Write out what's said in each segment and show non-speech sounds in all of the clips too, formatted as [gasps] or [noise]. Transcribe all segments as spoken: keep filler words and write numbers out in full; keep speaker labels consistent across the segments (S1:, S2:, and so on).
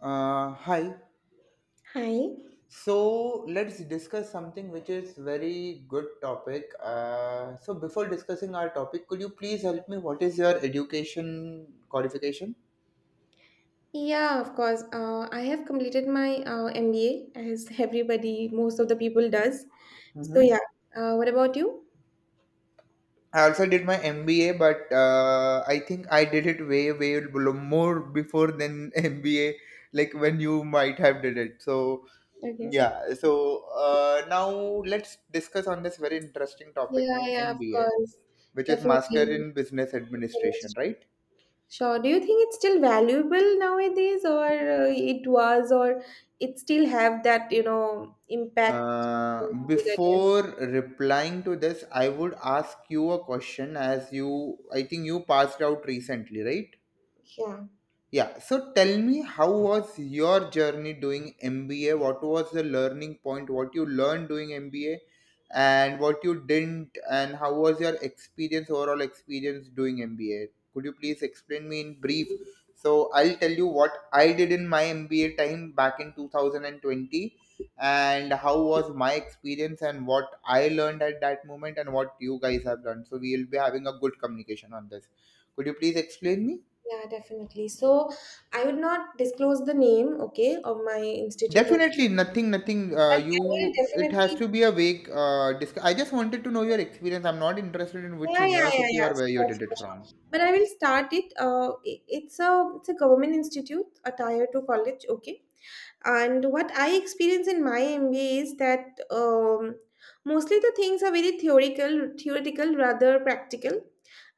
S1: Uh, hi.
S2: Hi.
S1: So let's discuss something which is very good topic. Uh, so before discussing our topic, could you please help me? What is your education qualification?
S2: Yeah, of course. Uh, I have completed my uh, M B A as everybody, most of the people does. So
S1: Mm-hmm.
S2: yeah. Uh, what about you?
S1: I also did my M B A, but uh, I think I did it way, way below- more before than [laughs] M B A, like when you might have did it. So
S2: Okay.
S1: yeah. So uh, now let's discuss on this very interesting topic
S2: Yeah,
S1: named
S2: yeah, of
S1: M B A,
S2: course.
S1: which is Master
S2: Definitely.
S1: in Business Administration, right?
S2: Sure. Do you think it's still valuable nowadays, or uh, it was, or it still have that, you know, impact in
S1: Uh,
S2: people's careers?
S1: before replying to this, I would ask you a question, as you, I think you passed out recently, right?
S2: Yeah,
S1: Yeah, so tell me, how was your journey doing M B A? What was the learning point? What you learned doing M B A and what you didn't? And how was your experience overall experience doing M B A? Could you please explain me in brief? So I'll tell you what I did in my M B A time back in two thousand twenty, and how was my experience and what I learned at that moment and what you guys have done. So we will be having a good communication on this. Could you please explain me?
S2: yeah, definitely. So I would not disclose the name, okay, of my institute, or,
S1: Definitely nothing, nothing.
S2: but
S1: Uh,
S2: I will
S1: you, it has
S2: definitely.
S1: to be a vague. Uh, disc- I just wanted to know your experience. I'm not interested in which
S2: Yeah, yeah, yeah,
S1: university
S2: yeah.
S1: or where you
S2: Sure,
S1: did it
S2: sure, sure.
S1: from.
S2: But I will start it. Uh, i- it's a it's a government institute, a tier two college. Okay, and what I experience in my M B A is that um, mostly the things are very theoretical, theoretical rather practical.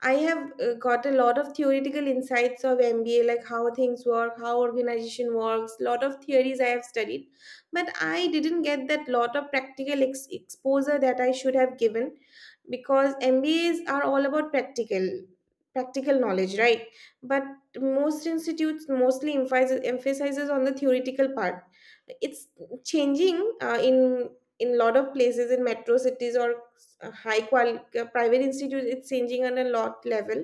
S2: I have uh, got a lot of theoretical insights of M B A, like how things work, how organization works, lot of theories I have studied. But I didn't get that lot of practical ex- exposure that I should have given because M B As are all about practical practical knowledge, right? But most institutes mostly emphasizes, emphasizes on the theoretical part. It's changing uh, in in lot of places in metro cities, or uh, high qual uh, private institutes. It's changing on a lot level.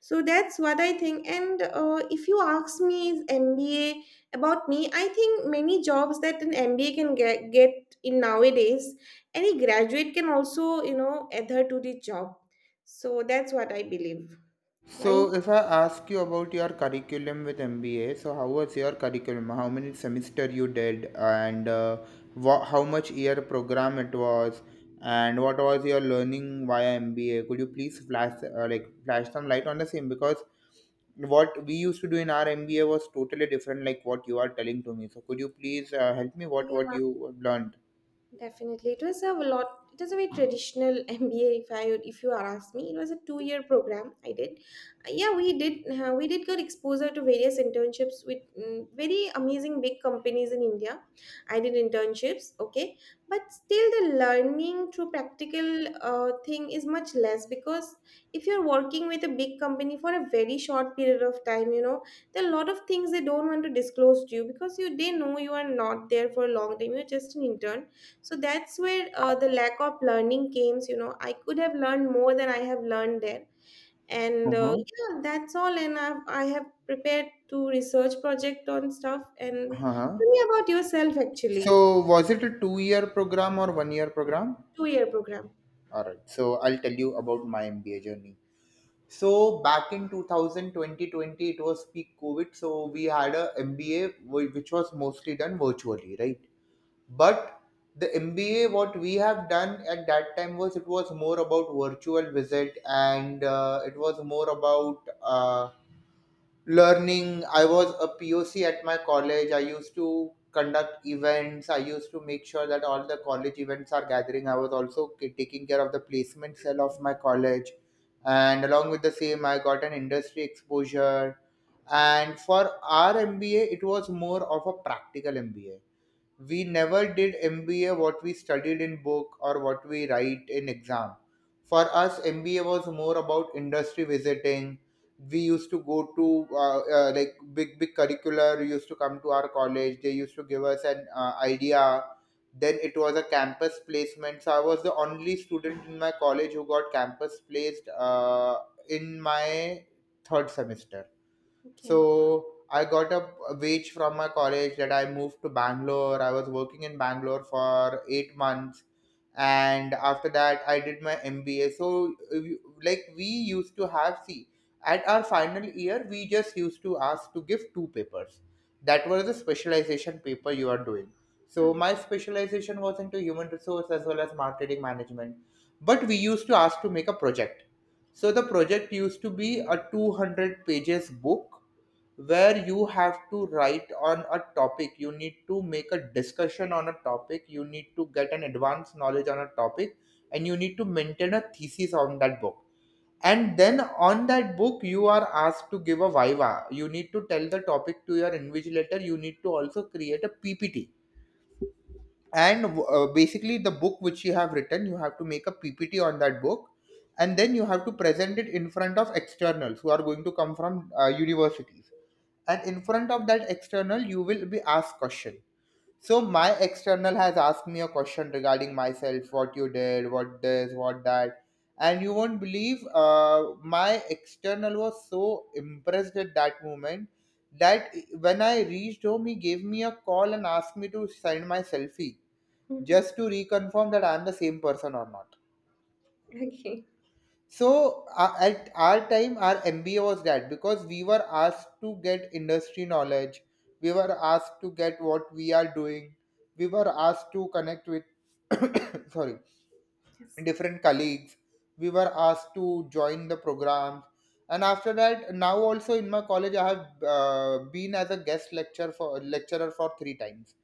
S2: So that's what I think. And uh, if you ask me, is MBA about me? I think many jobs that an MBA can get, get in nowadays, any graduate can also, you know, adhere to the job. So that's what I believe. Are you?
S1: So, if I ask you about your curriculum with M B A, so how was your curriculum? How many semester you did, and uh, wha- how much year program it was, and what was your learning via M B A? Could you please flash uh, like flash some light on the same? Because what we used to do in our M B A was totally different, like what you are telling to me. So, could you please uh, help me what what you learned?
S2: Definitely, it was a lot. It was a very traditional [laughs] M B A. If I, if you ask me, it was a two-year program. I did. Uh, yeah, we did, uh, we did get exposure to various internships with mm, very amazing big companies in India. I did internships, okay, but still the learning through practical uh, thing is much less, because if you're working with a big company for a very short period of time, you know, there are a lot of things they don't want to disclose to you because you they know you are not there for a long time. You're just an intern. So that's where uh, the lack of learning came, you know. I could have learned more than I have learned there. And uh,
S1: Uh-huh.
S2: yeah, that's all. And I've, I have prepared to research project on stuff. And
S1: Uh-huh.
S2: tell me about yourself, actually.
S1: So, was it a two-year program or one-year program?
S2: Two year program.
S1: All right. So I'll tell you about my M B A journey. So back in two thousand twenty twenty, it was peak COVID. So we had a M B A whi- which was mostly done virtually, right? But the M B A, what we have done at that time was it was more about virtual visit, and uh, it was more about uh, learning. I was a P O C at my college. I used to conduct events. I used to make sure that all the college events are gathering. I was also k- taking care of the placement cell of my college. And along with the same, I got an industry exposure. And for our MBA, it was more of a practical MBA. We never did M B A what we studied in book or what we write in exam. For us, M B A was more about industry visiting. We used to go to uh, uh, like big big curricular used to come to our college. They used to give us an uh, idea. Then it was a campus placement. So I was the only student in my college who got campus placed uh, in my third semester,
S2: Okay.
S1: so I got a wage from my college that I moved to Bangalore. I was working in Bangalore for eight months, and after that, I did my M B A. So, uh, we- like, we used to have, see, at our final year, we just used to ask to give two papers. That was the specialization paper you are doing. So
S2: Hmm.
S1: my specialization was into human resource as well as marketing management. But we used to ask to make a project. So the project used to be a two hundred pages book, where you have to write on a topic, you need to make a discussion on a topic, you need to get an advanced knowledge on a topic, and you need to maintain a thesis on that book. And then on that book you are asked to give a viva. You need to tell the topic to your invigilator. You need to also create a P P T, and uh, basically the book which you have written, you have to make a P P T on that book, and then you have to present it in front of externals who are going to come from uh, universities. And in front of that external you will be asked question. So my external has asked me a question regarding myself, what you did, what this, what that. And you won't believe, uh, my external was so impressed at that moment that when I reached home, he gave me a call and asked me to send my selfie, just
S2: [laughs]
S1: to reconfirm that I am the same person or not.
S2: Okay.
S1: So uh, at our time, our M B A was that because we were asked to get industry knowledge, we were asked to get what we are doing, we were asked to connect with [coughs] sorry,
S2: Yes.
S1: different colleagues, we were asked to join the programs, and after that, now also in my college, I have uh, been as a guest lecturer for lecturer for three times,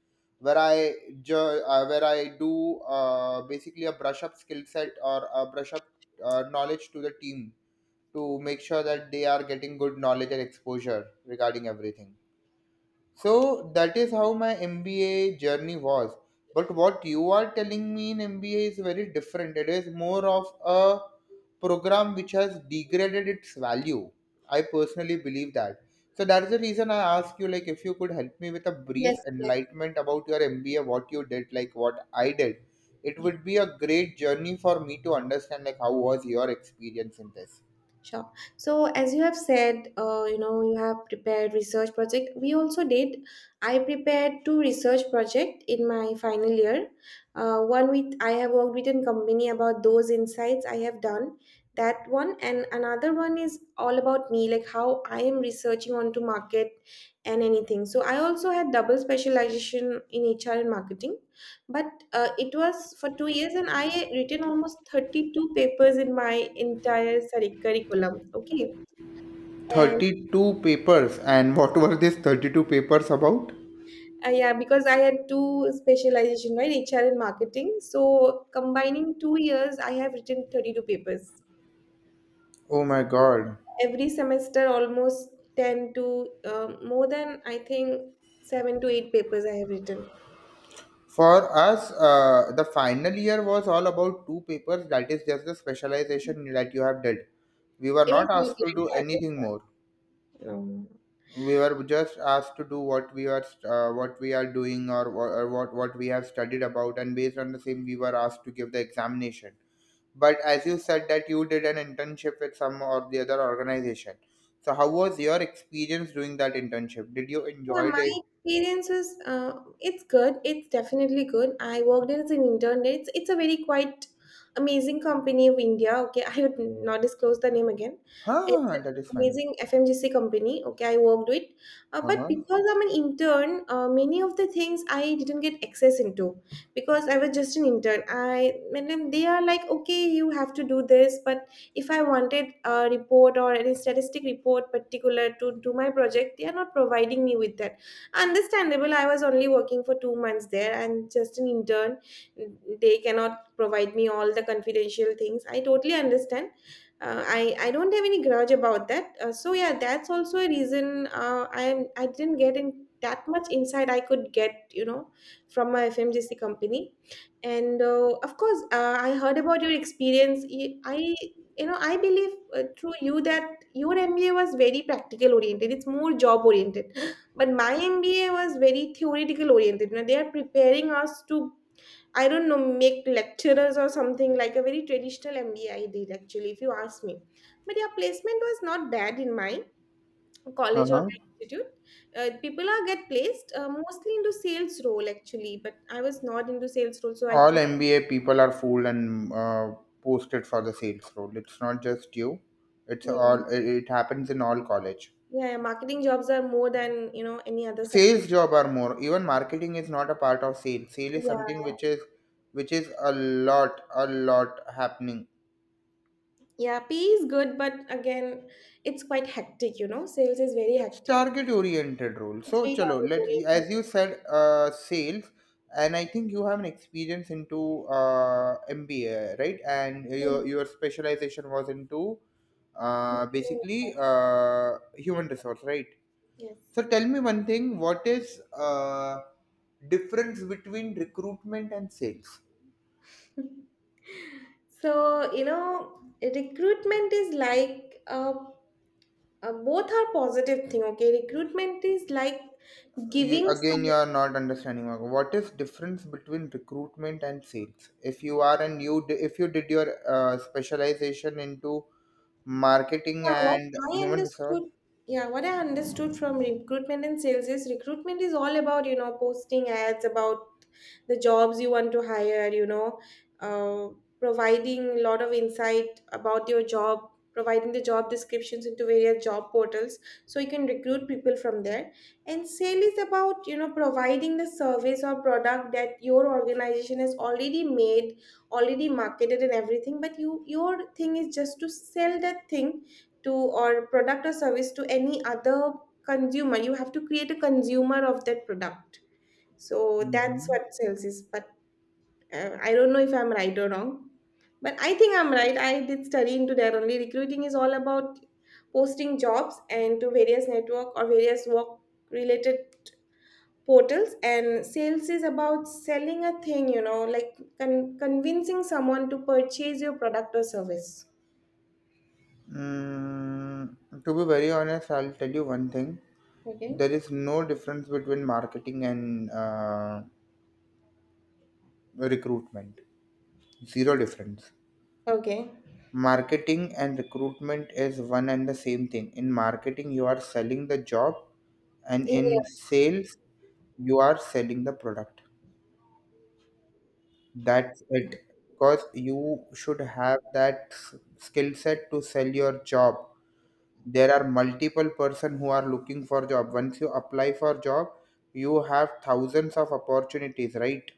S1: where I jo- uh, where I do uh, basically a brush up skill set or a brush up uh, knowledge to the team, to make sure that they are getting good knowledge and exposure regarding everything. So that is how my M B A journey was. But what you are telling me in M B A is very different. It is more of a program which has degraded its value. I personally believe that. So that's the reason I asked you, like, if you could help me with a
S2: Yes.
S1: brief enlightenment about your M B A, what you did, like what I did. It would be a great journey for me to understand like how was your experience in this.
S2: Sure. So, as you have said, uh, you know, you have prepared research project. We also did. I prepared two research project in my final year. Uh, one with I have worked with a company about those insights I have done. That one, and another one is all about me, like how I am researching onto market and anything. So I also had double specialization in H R and marketing. But uh, it was for two years, and I written almost thirty-two papers in my entire, sorry, curriculum. Okay. And
S1: thirty-two papers? And what were these thirty-two papers about?
S2: uh, yeah, because I had two specialization, right, HR and marketing. So combining two years, I have written thirty-two papers.
S1: Oh my god.
S2: Every semester almost ten to um, more than I think seven to eight papers I have written.
S1: For us, uh, the final year was all about two papers, that is just the specialization that you have did. We were
S2: It was
S1: not
S2: not
S1: asked to do
S2: like
S1: anything
S2: that.
S1: more.
S2: You.
S1: We were just asked to do what we are uh, what we are doing, or, wha- or what what we have studied about, and based on the same we were asked to give the examination. But as you said that you did an internship with some or the other organization. So how was your experience doing that internship? Did you
S2: Yeah,
S1: enjoyed
S2: my
S1: it?
S2: experience is uh, it's good. It's definitely good. I worked as an intern. It's it's a very quite amazing company of India. Okay, I would not disclose the name again. It's
S1: Huh,
S2: an
S1: that is fine.
S2: amazing F M G C company. Okay, I worked with. uh, but
S1: Uh-huh.
S2: because I'm an intern, uh, many of the things I didn't get access into, because I was just an intern. I and then they are like, okay, you have to do this, but if I wanted a report or any statistic report particular to do my project, they are not providing me with that. Understandable, I was only working for two months there and just an intern. They cannot provide me all the confidential things, I totally understand. uh, I, I don't have any grudge about that. Uh, so yeah, that's also a reason uh, I am I didn't get in that much insight I could get, you know, from my F M G C company. And uh, of course, uh, I heard about your experience. Y- I you know, I believe, uh, through you, that your MBA was very practical oriented, it's more job oriented. [gasps] But my MBA was very theoretical oriented, you know. They are preparing us to, I don't know, make lecturers or something, like a very traditional MBA did, actually, if you ask me. But yeah, placement was not bad in my college or
S1: Uh-huh.
S2: my institute. uh, people are get placed uh, mostly into sales role, actually, but I was not into sales role, so I
S1: All M B A people are fooled and uh, posted for the sales role. It's not just you. It's all,
S2: didn't.
S1: it it happens in all college.
S2: Yeah, yeah, marketing jobs are more than, you know, any other sector.
S1: Sales job are more. Even marketing is not a part of sale. Sale is something
S2: Yeah.
S1: which is which is a lot, a lot happening.
S2: Yeah, P is good, but again, it's quite hectic, you know. Sales is very
S1: It's
S2: hectic.
S1: target oriented role.
S2: It's
S1: So,
S2: very
S1: chalo, let,
S2: target
S1: as you said, uh, sales, and I think you have an experience into uh, M B A, right? And
S2: oriented.
S1: your your specialization was into uh, basically uh, human resource, right? So,
S2: Yes.
S1: tell me one thing: what is uh, difference between recruitment and sales?
S2: [laughs] So, you know, recruitment is like uh, uh, both are positive thing, okay? Recruitment is like
S1: You
S2: giving
S1: again,
S2: some.
S1: you are not understanding, Marco. What is difference between recruitment and sales, if you are and you di- if you did your uh, specialization into marketing
S2: Yeah, what
S1: and
S2: I
S1: human resource?
S2: understood, yeah, what I understood from recruitment and sales is recruitment is all about, you know, posting ads about the jobs you want to hire, you know, uh, providing a lot of insight about your job, providing the job descriptions into various job portals so you can recruit people from there. And sale is about, you know, providing the service or product that your organization has already made, already marketed and everything, but you your thing is just to sell that thing to or product or service to any other consumer. You have to create a consumer of that product. So that's
S1: Mhm.
S2: what sales is. But uh, I don't know if I'm right or wrong, but I think I'm right. I did study into that only. Recruiting is all about posting jobs and to various network or various work related portals. And sales is about selling a thing, you know, like con- convincing someone to purchase your product or service.
S1: Mm, to be very honest, I'll tell you one thing.
S2: Okay.
S1: There is no difference between marketing and uh, recruitment. Zero difference.
S2: Okay.
S1: Marketing and recruitment is one and the same thing. In marketing, you are selling the job, and
S2: Yeah.
S1: in sales, you are selling the product. That's it. Because you should have that s- skill set to sell your job. There are multiple person who are looking for job. Once you apply for job, you have thousands of opportunities, right?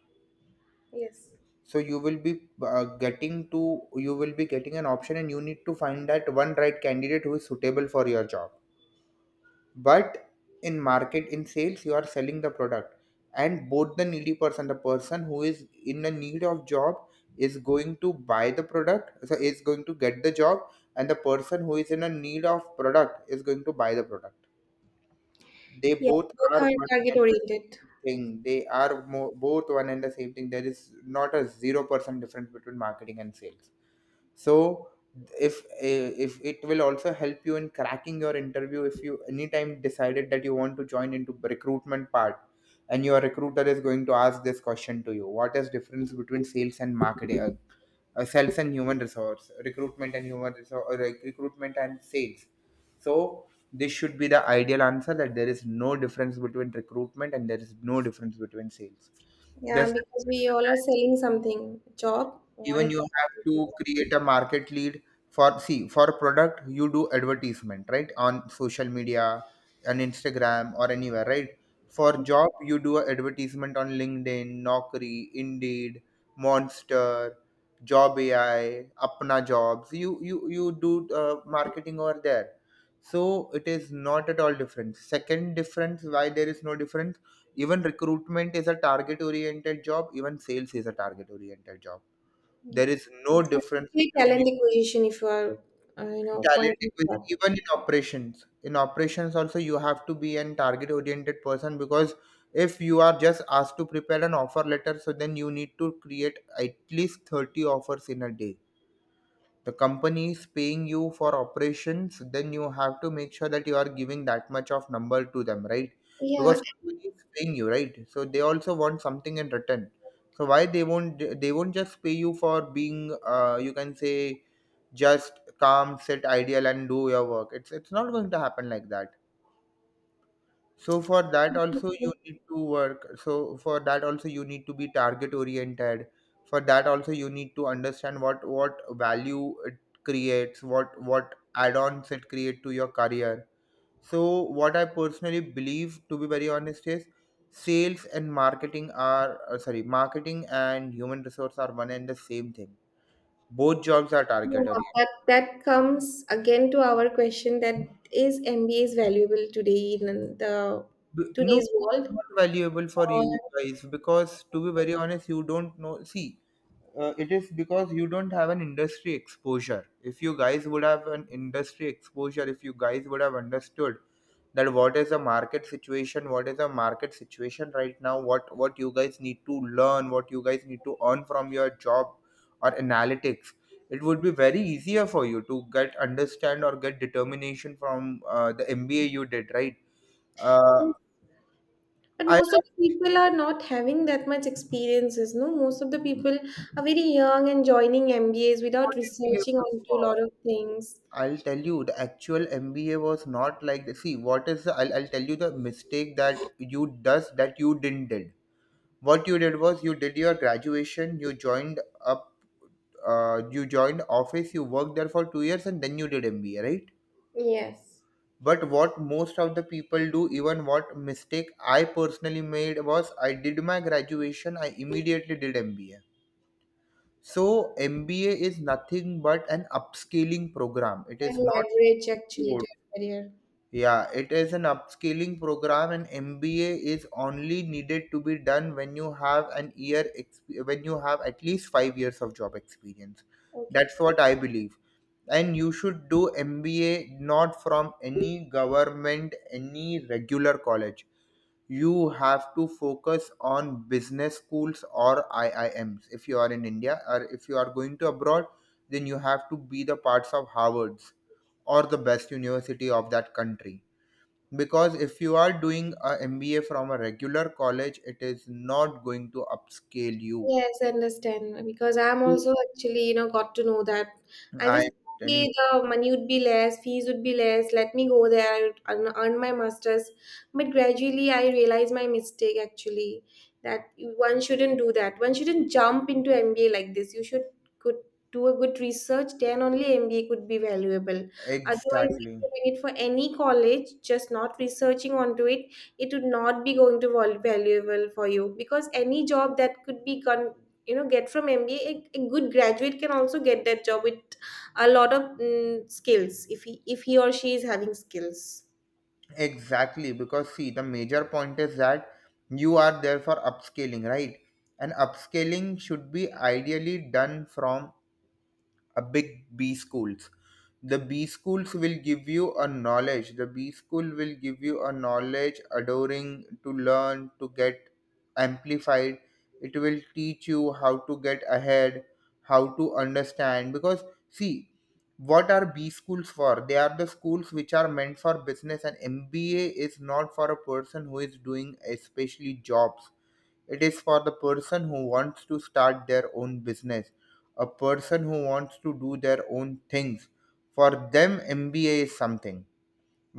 S2: Yes.
S1: So you will be uh, getting to you will be getting an option, and you need to find that one right candidate who is suitable for your job. But in market in sales you are selling the product. And both, the needy person, the person who is in the need of job is going to buy the product, so is going to get the job. And the person who is in a need of product is going to buy the product. They
S2: Yes,
S1: both
S2: both are
S1: are one
S2: target
S1: and the
S2: oriented.
S1: same thing. They are mo- both one and the same thing. There is not a zero percent difference between marketing and sales. So if if it will also help you in cracking your interview, if you anytime decided that you want to join into recruitment part, and your recruiter is going to ask this question to you, what is difference between sales and marketing, uh, sales and human resource, recruitment and human resource, or like recruitment and sales. So this should be the ideal answer that there is no difference between recruitment and there is no difference between sales.
S2: Yeah,
S1: Just
S2: because we all are selling something, a job or a
S1: even you have to
S2: product.
S1: create a market lead. For see for product you do advertisement, right? On social media, on Instagram or anywhere, right? For job you do a advertisement on LinkedIn, Naukri, Indeed, Monster, Job AI, Apna Jobs. You you you do uh, marketing over there. So it is not at all different. Second difference, why there is no difference? Even recruitment is a target oriented job, even sales is a target oriented job. There
S2: Yes,
S1: is no difference
S2: specifically
S1: between
S2: talent
S1: you.
S2: acquisition, if you are, uh, you know,
S1: Talent
S2: pointing to
S1: equals-
S2: that.
S1: even in operations. In operations also you have to be an target oriented person, because if you are just asked to prepare an offer letter, so then you need to create at least thirty offers in a day. The company is paying you for operations, then you have to make sure that you are giving that much of number to them, right?
S2: Yeah,
S1: Because company is paying you, right? So they also want something in return. So why they won't they won't just pay you for being uh, you can say just calm sit ideal and do your work. It's it's not going to happen like that. So for that also you need to work. So for that also you need to be target oriented. For that also you need to understand what what value it creates, what what add-ons it create to your career. So what I personally believe, to be very honest, is sales and marketing are uh, sorry, marketing and human resource are one and the same thing. Both jobs are
S2: yeah,
S1: target oriented.
S2: but that comes again to our question, that is M B A is valuable today in the
S1: B- No,
S2: today's
S1: it's
S2: world?
S1: not valuable for you guys because, to be very honest, you don't know. See, uh, it is because you don't have an industry exposure. If you guys would have an industry exposure, if you guys would have understood that what is the market situation, what is the market situation right now, what what you guys need to learn, what you guys need to earn from your job or analytics, it would be very easier for you to get understand or get determination from uh, the M B A you did, right? Uh,
S2: But
S1: I
S2: most of the
S1: learned
S2: people are not having that much experiences, no? Most of the people are very young and joining M B As without
S1: what M B A
S2: researching
S1: was
S2: onto a
S1: for.
S2: lot of things.
S1: I'll tell you the actual M B A was not like the, see what is the, I'll, I'll tell you the mistake that you does that you didn't did. What you did was you did your graduation, you joined up, uh, you joined office, you worked there for two years, and then you did M B A, right?
S2: Yes.
S1: But what most of the people do, even what mistake I personally made was I did my graduation, I immediately did M B A. So M B A is nothing but an upscaling program. It
S2: And
S1: is not a
S2: leverage actually to
S1: code.
S2: your career.
S1: Yeah, it is an upscaling program, and M B A is only needed to be done when you have an year exp- when you have at least five years of job experience.
S2: Okay.
S1: That's what I believe. And you should do M B A not from any government, any regular college. You have to focus on business schools or I I Ms if you are in India, or if you are going to abroad, then you have to be the parts of Harvard's or the best university of that country. Because if you are doing a M B A from a regular college, it is not going to upscale you.
S2: Yes, I understand, because I'm also actually, you know, got to know that. I
S1: I
S2: just
S1: am
S2: see
S1: telling
S2: the money would be less, fees would be less. Let me go there, I would earn earn my masters. But gradually, I realized my mistake, actually, that one shouldn't do that. One shouldn't jump into M B A like this. You should could do a good research, then only M B A could be valuable. Otherwise, if
S1: Exactly.
S2: you're doing it for any college, just not researching onto it, it would not be going to val- valuable for you. Because any job that could be con, you know, get from MBA, a, a, a good graduate can also get that job with a lot of mm, skills, if he if he or she is having skills.
S1: Exactly, because see, the major point is that you are there for upscaling, right? And upscaling should be ideally done from a big B schools. The B schools will give you a knowledge, the B school will give you a knowledge adoring to learn to get amplified. It will teach you how to get ahead, how to understand. Because see, what are B schools for? They are the schools which are meant for business, and MBA is not for a person who is doing especially jobs. It is for the person who wants to start their own business, a person who wants to do their own things. For them MBA is something,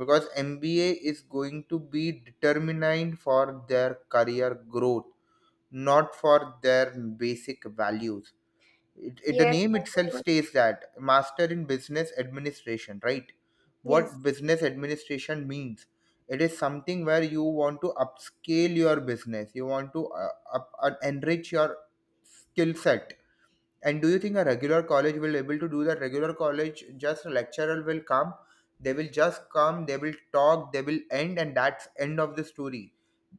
S1: because MBA is going to be determined for their career growth, not for their basic values. It, it, the
S2: Yes,
S1: name itself states that master in business administration, right?
S2: yes.
S1: What business administration means? It is something where you want to upscale your business, you want to uh, up, uh, enrich your skill set. And do you think a regular college will able to do that? Regular college, just a lecturer will come, they will just come, they will talk, they will end, and that's end of the story.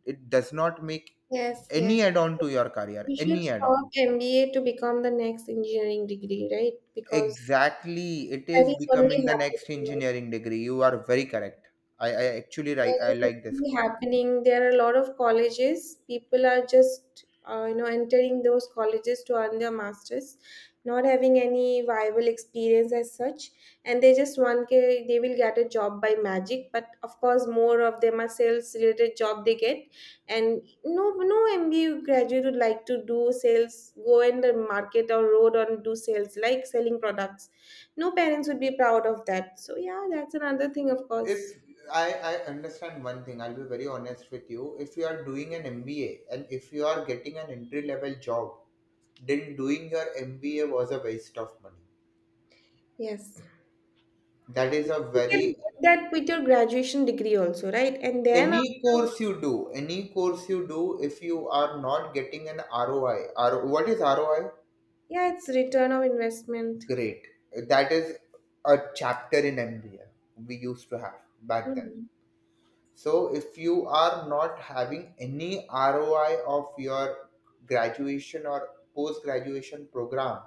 S1: It does not make
S2: Yes,
S1: any
S2: yes.
S1: add-on to your career,
S2: We should
S1: any
S2: stop
S1: add-on.
S2: MBA to become the next engineering degree, right? Because
S1: Exactly, it
S2: that
S1: is
S2: is only
S1: becoming the next
S2: happening.
S1: engineering degree. You are very correct. I, I actually
S2: There
S1: ri- I
S2: is
S1: like this
S2: actually
S1: point.
S2: happening. There are a lot of colleges. People are just, uh, you know, entering those colleges to earn their masters, not having any viable experience as such, and they just want ke- they will get a job by magic. But of course, more of them are sales related job they get, and no, no M B A graduate would like to do sales, go in the market or road and do sales, like selling products. No parents would be proud of that. So yeah, that's another thing, of course.
S1: If I, I understand one thing, I'll be very honest with you, if you are doing an MBA and if you are getting an entry level job, then doing your MBA was a waste of money.
S2: Yes.
S1: That is a
S2: You can get
S1: very
S2: that with your graduation degree also, right? And then
S1: any
S2: after,
S1: course you do, any course you do, if you are not getting an ROI, R, what is ROI?
S2: yeah, it's return of investment.
S1: Great. That is a chapter in MBA we used to have back then.
S2: Mhm.
S1: So if you are not having any R O I of your graduation or post graduation program,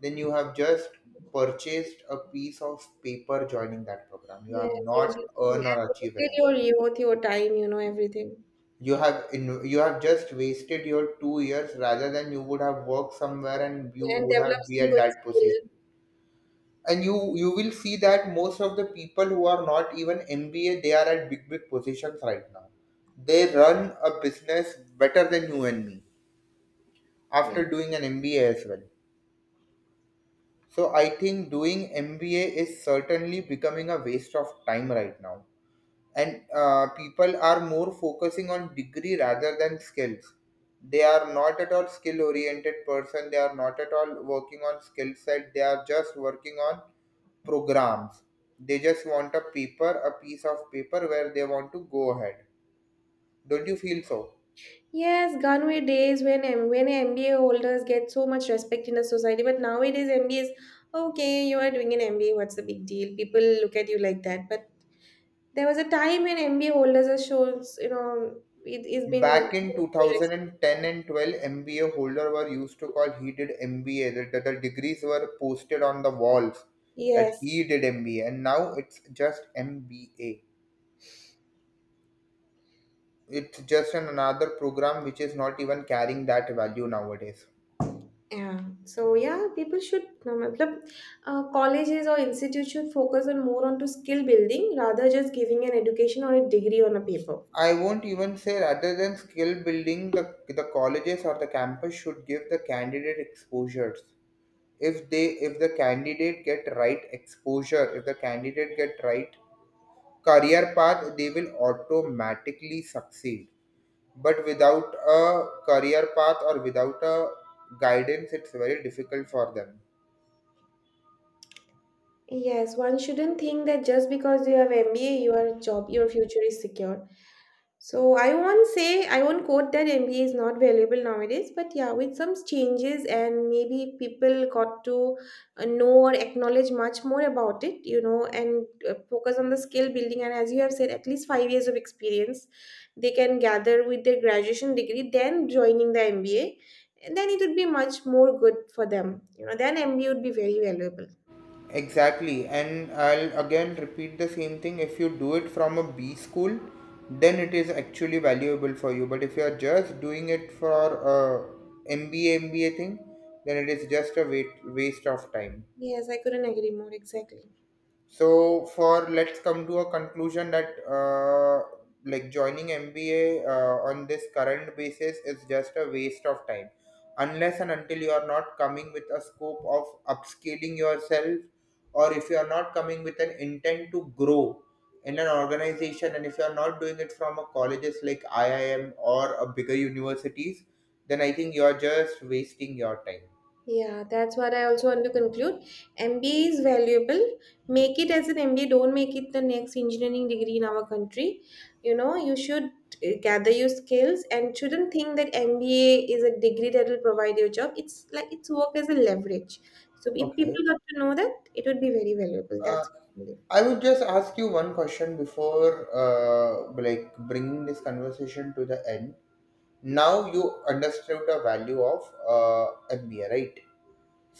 S1: then you have just purchased a piece of paper joining that program. You have
S2: Yes, you
S1: not
S2: should do it.
S1: earned or
S2: And
S1: achieved
S2: still
S1: anything.
S2: your youth, your time, you know, everything.
S1: You have in, you have just wasted your two years rather than you would have worked somewhere and you
S2: And
S1: would have
S2: develop
S1: be
S2: some
S1: at
S2: good
S1: that position.
S2: skill.
S1: And you you will see that most of the people who are not even M B A, they are at big big positions right now. They run a business better than you and me
S2: Yeah.
S1: after doing an M B A as well. So I think doing M B A is certainly becoming a waste of time right now. And uh, people are more focusing on degree rather than skills. They are not at all skill oriented person. They are not at all working on skill set. They are just working on programs. They just want a paper, a piece of paper where they want to go ahead. Don't you feel so?
S2: Yes, gone were days when M- when M B A holders get so much respect in the society, but nowadays M B As, okay, you are doing an M B A, what's the big deal? People look at you like that. But there was a time when M B A holders are shows, you know, it has been.
S1: Back in two thousand ten and twelve, M B A holder were used to call he did M B A. That that the degrees were posted on the walls that
S2: Yes.
S1: he did M B A, and now it's just M B A. It's just an another program which is not even carrying that value nowadays.
S2: Yeah. So yeah, people should no, matlab, uh, colleges or institutes should focus on more onto skill building rather just giving an education or a degree on a paper.
S1: I won't even say rather than skill building, the, the colleges or the campus should give the candidate exposures. If they if the candidate get right exposure, if the candidate get right career path, they will automatically succeed. But without a career path or without a guidance, it's very difficult for them.
S2: Yes, one shouldn't think that just because you have M B A, your job, your future is secure. So I won't say, I won't quote that M B A is not valuable nowadays, but yeah, with some changes and maybe people got to uh, know or acknowledge much more about it, you know, and uh, focus on the skill building. And as you have said, at least five years of experience they can gather with their graduation degree, then joining the M B A, and then it would be much more good for them. You know, then M B A would be very valuable.
S1: Exactly, and I'll again repeat the same thing, if you do it from a B school then it is actually valuable for you. But if you are just doing it for a mba MBA thing, then it is just a wait, waste of time.
S2: Yes, I couldn't agree more, exactly.
S1: So for let's come to a conclusion that uh, like joining M B A uh, on this current basis is just a waste of time, unless and until you are not coming with a scope of upscaling yourself, or if you are not coming with an intent to grow in an organization, and if you are not doing it from a colleges like I I M or a bigger universities, then I think you are just wasting your time.
S2: Yeah, that's what I also want to conclude. M B A is valuable. Make it as an M B A, don't make it the next engineering degree in our country. You know, you should uh, gather your skills and shouldn't think that M B A is a degree that will provide your job. It's like it's work as a leverage. So if
S1: Okay.
S2: people got to know that, it would be very valuable.
S1: Uh,
S2: That's what I believe.
S1: I would just ask you one question before, uh, like bringing this conversation to the end. Now you understood the value of uh, M B A, right?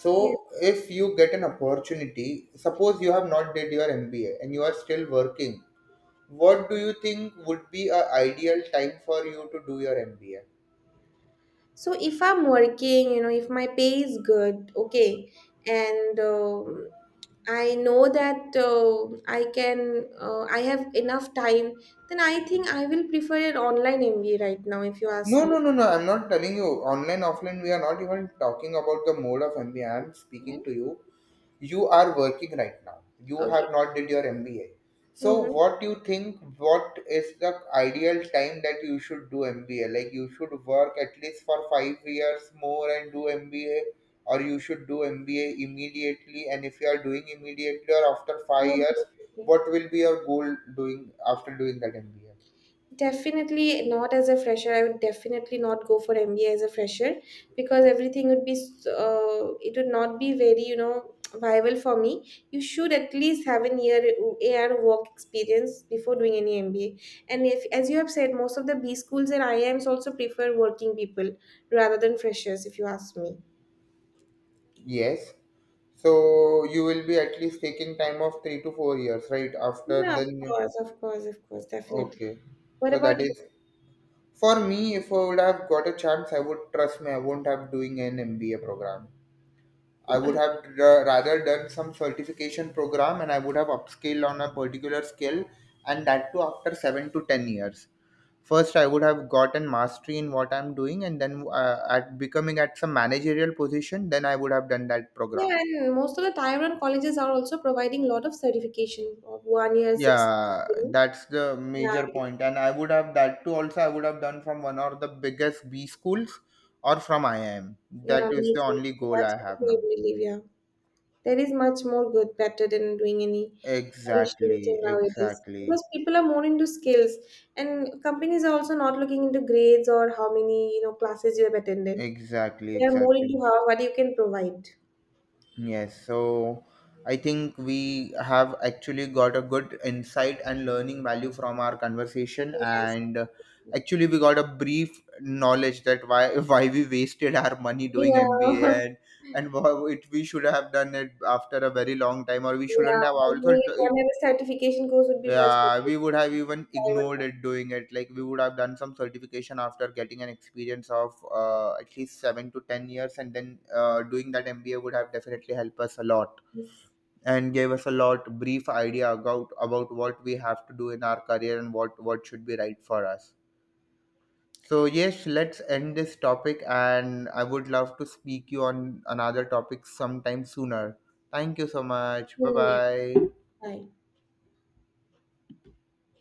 S1: So
S2: Yeah.
S1: if you get an opportunity, suppose you have not did your M B A and you are still working, what do you think would be a ideal time for you to do your M B A?
S2: So if I'm working, you know, if my pay is good, okay, and um I know that uh, I can, uh, I have enough time, then I think I will prefer an online M B A right now, if you ask
S1: No,
S2: me.
S1: no, no, no. I'm not telling you online, offline. We are not even talking about the mode of M B A. I'm
S2: Right?
S1: speaking to you, you are working right now, you have
S2: Okay.
S1: not did your MBA. So
S2: Mm-hmm.
S1: what do you think, what is the ideal time that you should do MBA? Like you should work at least for five years more and do MBA, or you should do MBA immediately? And if you are doing immediately or after five years, what will be your goal doing after doing that MBA?
S2: Definitely not as a fresher. I would definitely not go for M B A as a fresher, because everything would be, s- uh, it would not be very, you know, viable for me. You should at least have an year a AR work experience before doing any M B A. And if, as you have said, most of the B schools and I I Ms also prefer working people rather than freshers, if you ask me.
S1: Yes, so you will be at least taking time of three to four years right after
S2: Yeah, of
S1: then.
S2: course, of course, of course, definitely.
S1: Okay.
S2: What
S1: So
S2: about
S1: that
S2: you?
S1: is for me, if I would have got a chance, I would trust me. I won't have doing an M B A program. I would have ra- rather done some certification program, and I would have upscaled on a particular skill, and that too after seven to ten years. First, I would have gotten mastery in what I'm doing, and then uh, at becoming at some managerial position, then I would have done that program.
S2: Yeah, and most of the Taiwan colleges are also providing a lot of certification of one year, six
S1: Yeah,
S2: months.
S1: that's the
S2: Yeah,
S1: major point. And I would have that too, also I would have done from one of the biggest B schools or from I I M.
S2: yeah,
S1: That is
S2: me
S1: the
S2: too.
S1: only goal
S2: That's
S1: I
S2: what
S1: have
S2: we
S1: now.
S2: believe, yeah. There is much more good better than doing any traditional thing
S1: Exactly,
S2: nowadays.
S1: exactly,
S2: Because people are more into skills, and companies are also not looking into grades or how many, you know, classes you have attended.
S1: exactly,
S2: They are more
S1: exactly.
S2: into how what you can provide.
S1: Yes, so I think we have actually got a good insight and learning value from our conversation,
S2: Yes.
S1: and uh, actually we got a brief knowledge that why [laughs] why we wasted our money doing
S2: Yeah.
S1: M B A,
S2: [laughs]
S1: and and wha- it we should have done it after a very long time, or we
S2: Yeah.
S1: shouldn't have also.
S2: Only
S1: d-
S2: one have certification course would be much better.
S1: Yeah, we
S2: Than
S1: would have even
S2: five
S1: ignored
S2: and-.
S1: it doing it. Like we would have done some certification after getting an experience of uh, at least seven to ten years, and then uh, doing that M B A would have definitely helped us a lot,
S2: Yes.
S1: and gave us a lot brief idea about about what we have to do in our career and what what should be right for us. So yes, let's end this topic, and I would love to speak you on another topic sometime sooner. Thank you so much, bye
S2: Mm. Yeah.
S1: bye.
S2: Right.